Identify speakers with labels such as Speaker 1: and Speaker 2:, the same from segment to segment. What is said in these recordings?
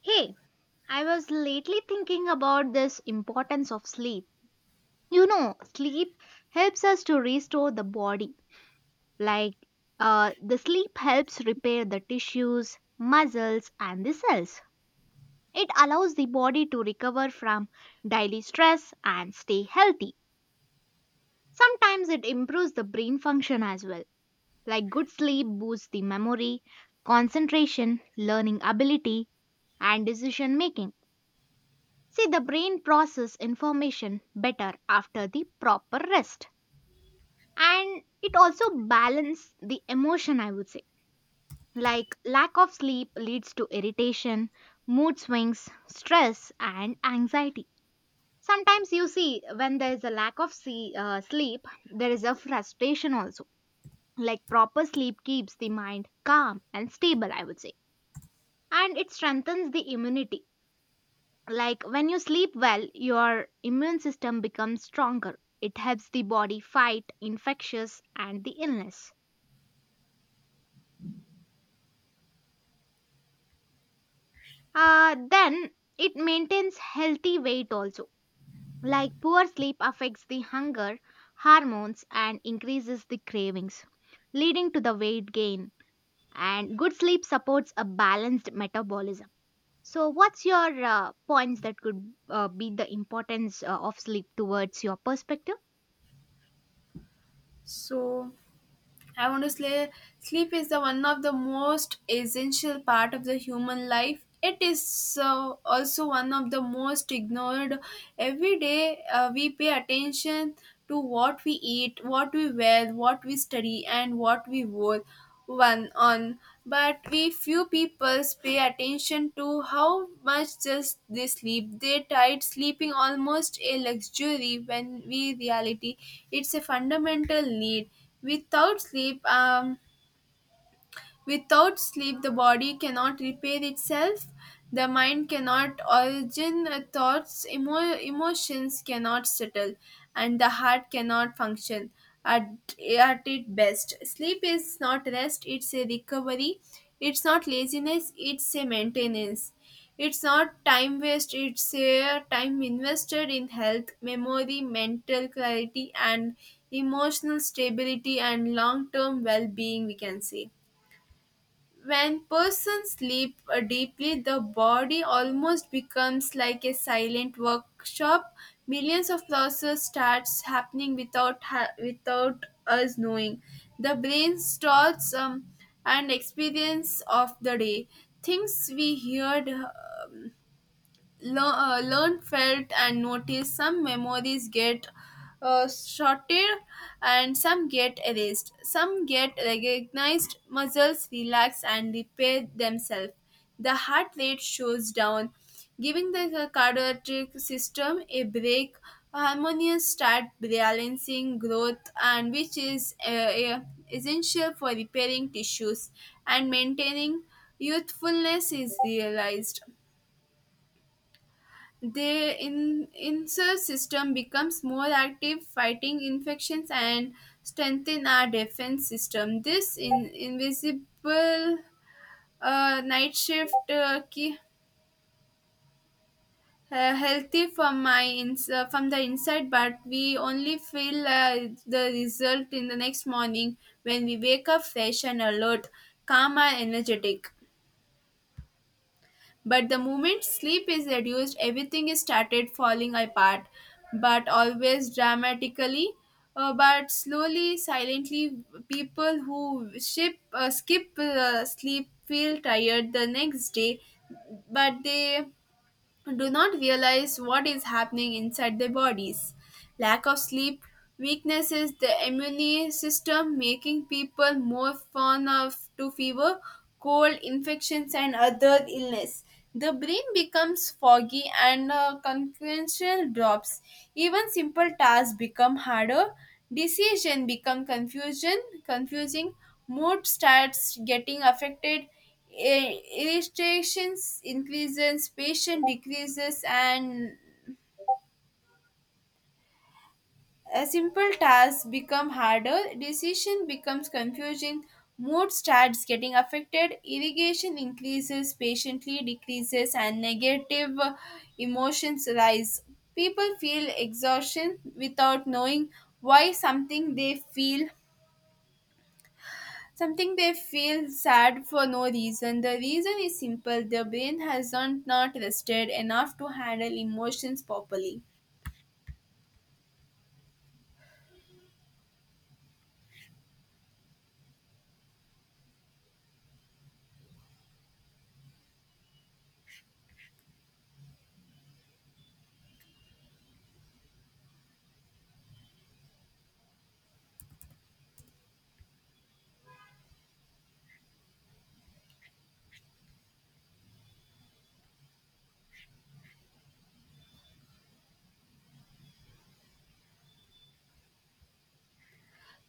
Speaker 1: Hey, I was lately thinking about this importance of sleep. You know, sleep helps us to restore the body. Like, the sleep helps repair the tissues, muscles, and the cells. It allows the body to recover from daily stress and stay healthy. Sometimes it improves the brain function as well. Like, good sleep boosts the memory, concentration, learning ability, and decision making. See, the brain process information better after the proper rest. And it also balance the emotion, I would say. Like lack of sleep leads to irritation, mood swings, stress, and anxiety. Sometimes you see when there is a lack of sleep, there is a frustration also. Like proper sleep keeps the mind calm and stable, I would say. And it strengthens the immunity. Like when you sleep well, your immune system becomes stronger. It helps the body fight infectious and the illness. Then it maintains healthy weight also. Like poor sleep affects the hunger hormones and increases the cravings, leading to the weight gain. And good sleep supports a balanced metabolism. So, what's your points that could be the importance of sleep towards your perspective?
Speaker 2: So I want to say sleep is the one of the most essential part of the human life. It is also one of the most ignored. Every day we pay attention to what we eat, what we wear, what we study, and what we wore one on, but we few people pay attention to how much just they sleep. They tried sleeping almost a luxury when we reality it's a fundamental need. Without sleep, um, Without sleep, the body cannot repair itself, the mind cannot origin thoughts, emotions cannot settle, and the heart cannot function at, at its best. Sleep is not rest, it's a recovery. It's not laziness, it's a maintenance. It's not time waste, it's a time invested in health, memory, mental clarity, and emotional stability and long term well being, we can say. When persons sleep deeply, the body almost becomes like a silent workshop. Millions of processes starts happening without us knowing. The brain stores an experience of the day. Things we heard learn felt and noticed some memories get sorted and some get erased some get recognized muscles relax and repair themselves the heart rate shows down giving the cardiac system a break harmonious start balancing growth and which is essential for repairing tissues and maintaining youthfulness is realized the insert system becomes more active, fighting infections and strengthen our defense system. This invisible night shift key, healthy from from the inside, but we only feel the result in the next morning when we wake up fresh and alert, calm and energetic. But the moment sleep is reduced, everything is started falling apart, but always dramatically. But slowly, silently, people who skip sleep feel tired the next day, but they do not realize what is happening inside their bodies. Lack of sleep weaknesses the immune system, making people more prone of to fever, cold, infections, and other illness. The brain becomes foggy and concentration drops. Even simple tasks become harder. Decision become confusion, confusing. Mood starts getting affected. Irritations increases, patience decreases, and a simple task become harder. Decision becomes confusing. Mood starts getting affected. Irrigation increases, patiently decreases, and negative emotions rise. People feel exhaustion without knowing why something they feel. Something they feel sad for no reason. The reason is simple their brain hasn't not not rested enough to handle emotions properly.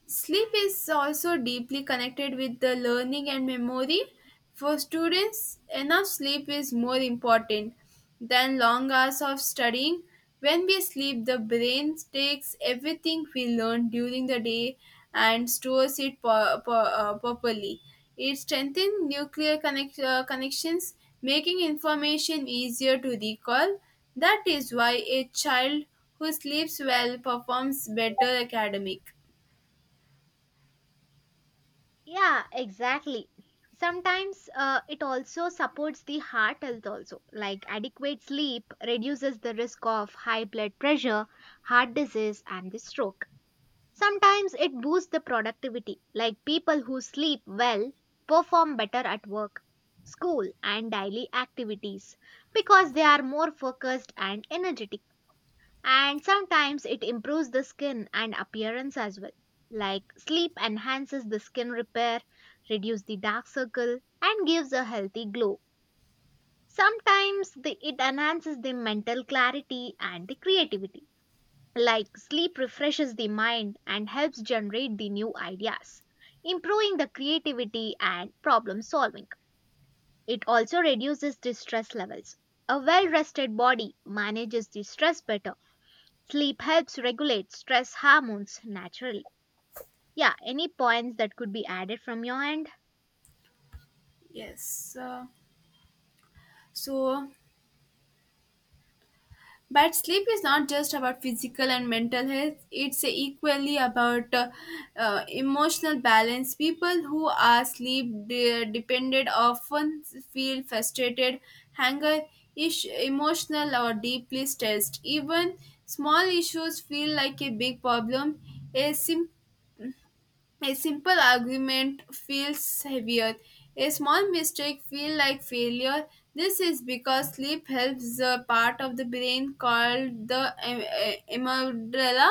Speaker 2: Sleep is also deeply connected with the learning and memory. For students, enough sleep is more important than long hours of studying. When we sleep, the brain takes everything we learn during the day and stores it properly. It strengthens nuclear connections, making information easier to recall. That is why a child who sleeps well performs better academic.
Speaker 1: Yeah, exactly. Sometimes it also supports the heart health also. Like adequate sleep reduces the risk of high blood pressure, heart disease and the stroke. Sometimes it boosts the productivity. Like people who sleep well perform better at work, school and daily activities because they are more focused and energetic. And sometimes it improves the skin and appearance as well. Like sleep enhances the skin repair, reduce the dark circle, and gives a healthy glow. Sometimes it enhances the mental clarity and the creativity. Like sleep refreshes the mind and helps generate the new ideas, improving the creativity and problem solving. It also reduces the stress levels. A well rested body manages the stress better. Sleep helps regulate stress hormones naturally. Yeah, any points that could be added from your end?
Speaker 2: Yes. So, but sleep is not just about physical and mental health. It's equally about emotional balance. People who are sleep dependent often feel frustrated, anger, emotional, or deeply stressed. Even small issues feel like a big problem. A simple A simple argument feels heavier. A small mistake feels like failure. This is because sleep helps the part of the brain called the amygdala,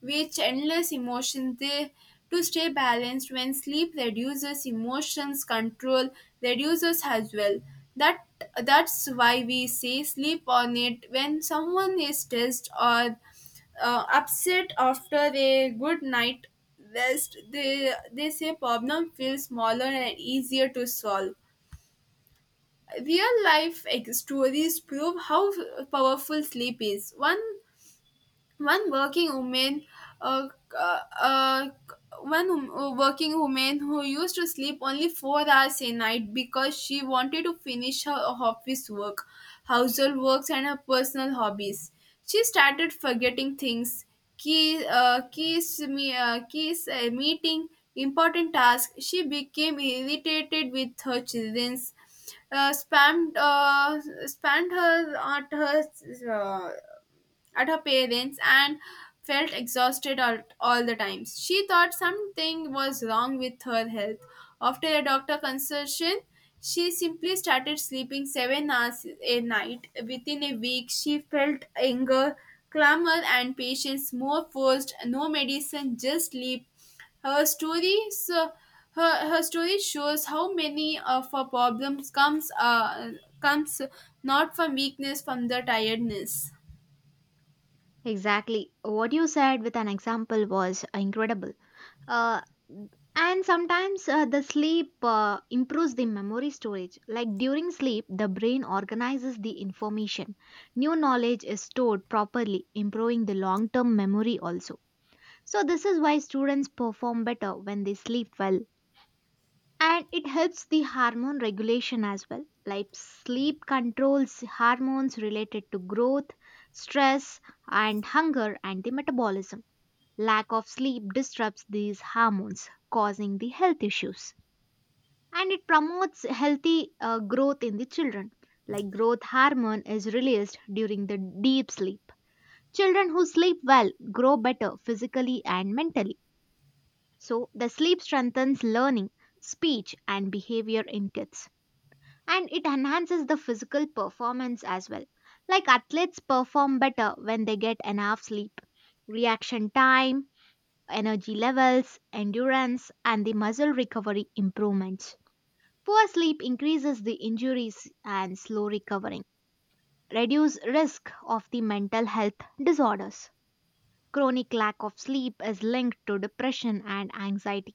Speaker 2: which handles emotions they to stay balanced when sleep reduces emotions control reduces as well that that's why we say sleep on it when someone is stressed or upset after a good night rest they say problem feels smaller and easier to solve real life stories prove how powerful sleep is. One one working woman uh, uh, uh, one wom- working woman who used to sleep only 4 hours a night because she wanted to finish her office work, household works and her personal hobbies. She started forgetting things, key keys me keys meeting important tasks. She became irritated with her children's, uh, spammed uh, spammed her uh, at her parents and felt exhausted all the times. She thought something was wrong with her health. After a doctor consultation, she simply started sleeping 7 hours a night. Within a week, she felt anger, clamor, and patience more forced, no medicine, just sleep. Her story, so her story shows how many of her problems comes not from weakness, from the tiredness.
Speaker 1: Exactly. What you said with an example was incredible. Uh, and sometimes the sleep improves the memory storage. Like during sleep, the brain organizes the information. New knowledge is stored properly, improving the long term memory also. So, this is why students perform better when they sleep well, and it helps the hormone regulation as well. Like sleep controls hormones related to growth, stress, and hunger and the metabolism. Lack of sleep disrupts these hormones, causing the health issues. And it promotes healthy growth in the children. Like growth hormone is released during the deep sleep. Children who sleep well grow better physically and mentally. So, the sleep strengthens learning, speech and behavior in kids. And it enhances the physical performance as well. Like athletes perform better when they get enough sleep, reaction time, energy levels, endurance, and the muscle recovery improvements. Poor sleep increases the injuries and slow recovering, reduce risk of the mental health disorders. Chronic lack of sleep is linked to depression and anxiety.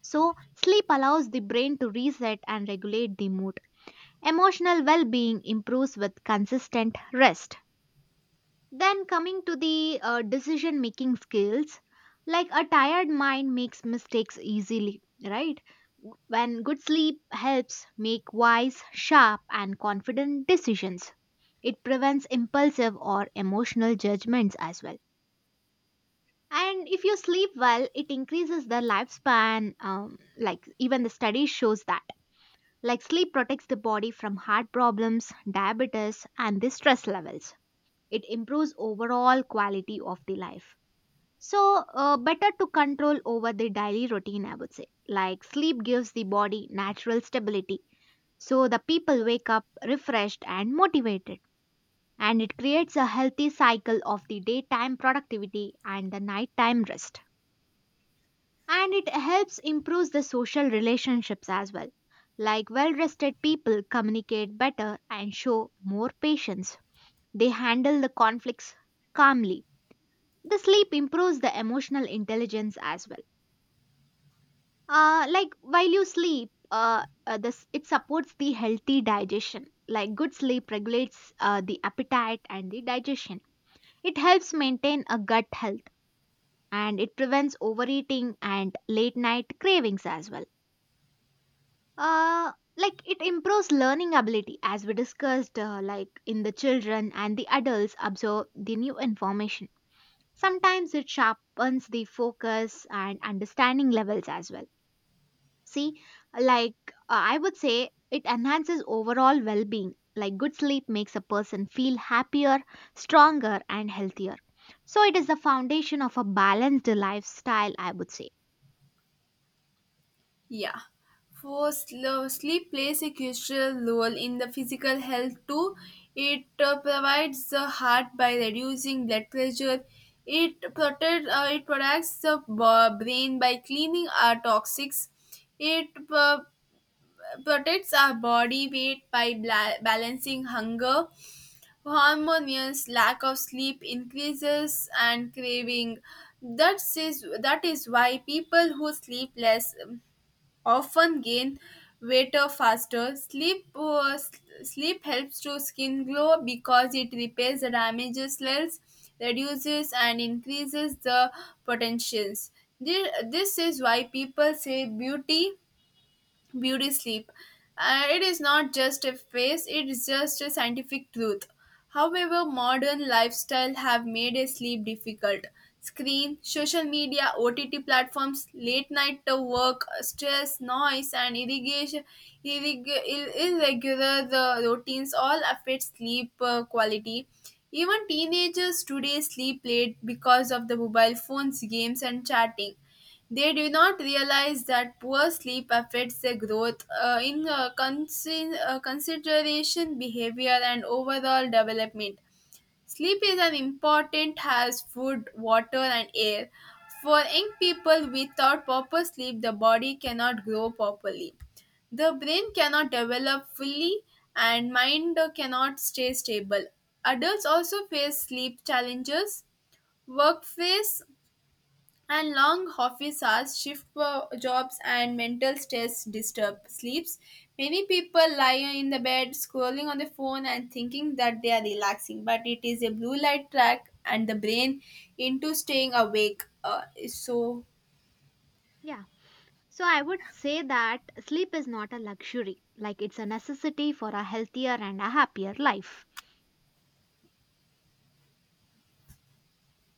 Speaker 1: So, sleep allows the brain to reset and regulate the mood. Emotional well being improves with consistent rest. Then, coming to the decision making skills, like a tired mind makes mistakes easily, right? When good sleep helps make wise, sharp, and confident decisions, it prevents impulsive or emotional judgments as well. And if you sleep well, it increases the lifespan, like even the study shows that, like sleep protects the body from heart problems, diabetes, and the stress levels. It improves overall quality of the life. So, better to control over the daily routine, I would say. Like sleep gives the body natural stability. So, the people wake up refreshed and motivated. And it creates a healthy cycle of the daytime productivity and the nighttime rest. And it helps improves the social relationships as well. Like well rested people communicate better and show more patience. They handle the conflicts calmly. The sleep improves the emotional intelligence as well. Like while you sleep this it supports the healthy digestion. Like good sleep regulates the appetite and the digestion. It helps maintain a gut health and it prevents overeating and late night cravings as well. Like it improves learning ability as we discussed, like in the children and the adults absorb the new information. Sometimes it sharpens the focus and understanding levels as well. See, like, I would say it enhances overall well-being. Like good sleep makes a person feel happier, stronger and healthier. So it is the foundation of a balanced lifestyle, I would say.
Speaker 2: Yeah. For sleep plays a crucial role in the physical health too. It provides the heart by reducing blood pressure. It protects the brain by cleaning our toxics. It protects our body weight by balancing hunger. Hormones lack of sleep increases and craving. That is why people who sleep less often gain weight faster. Sleep helps to skin glow because it repairs the damaged cells, reduces and increases the potentials. This is why people say beauty sleep. It is not just a phase, it is just a scientific truth. However, modern lifestyle have made a sleep difficult. Screen, social media, OTT platforms, late night work, stress, noise, and irrigation, irregular routines all affect sleep quality. Even teenagers today sleep late because of the mobile phones, games, and chatting. They do not realize that poor sleep affects their growth consideration, behavior, and overall development. Sleep is as important as food, water, and air. For young people, without proper sleep, the body cannot grow properly. The brain cannot develop fully and mind cannot stay stable. Adults also face sleep challenges, workplace and long office hours, jobs, and mental stress disturb sleeps. Many people lie in the bed, scrolling on the phone, and thinking that they are relaxing, but it is a blue light track and the brain into staying awake. So,
Speaker 1: Yeah. So I would say that sleep is not a luxury, like it's a necessity for a healthier and a happier life.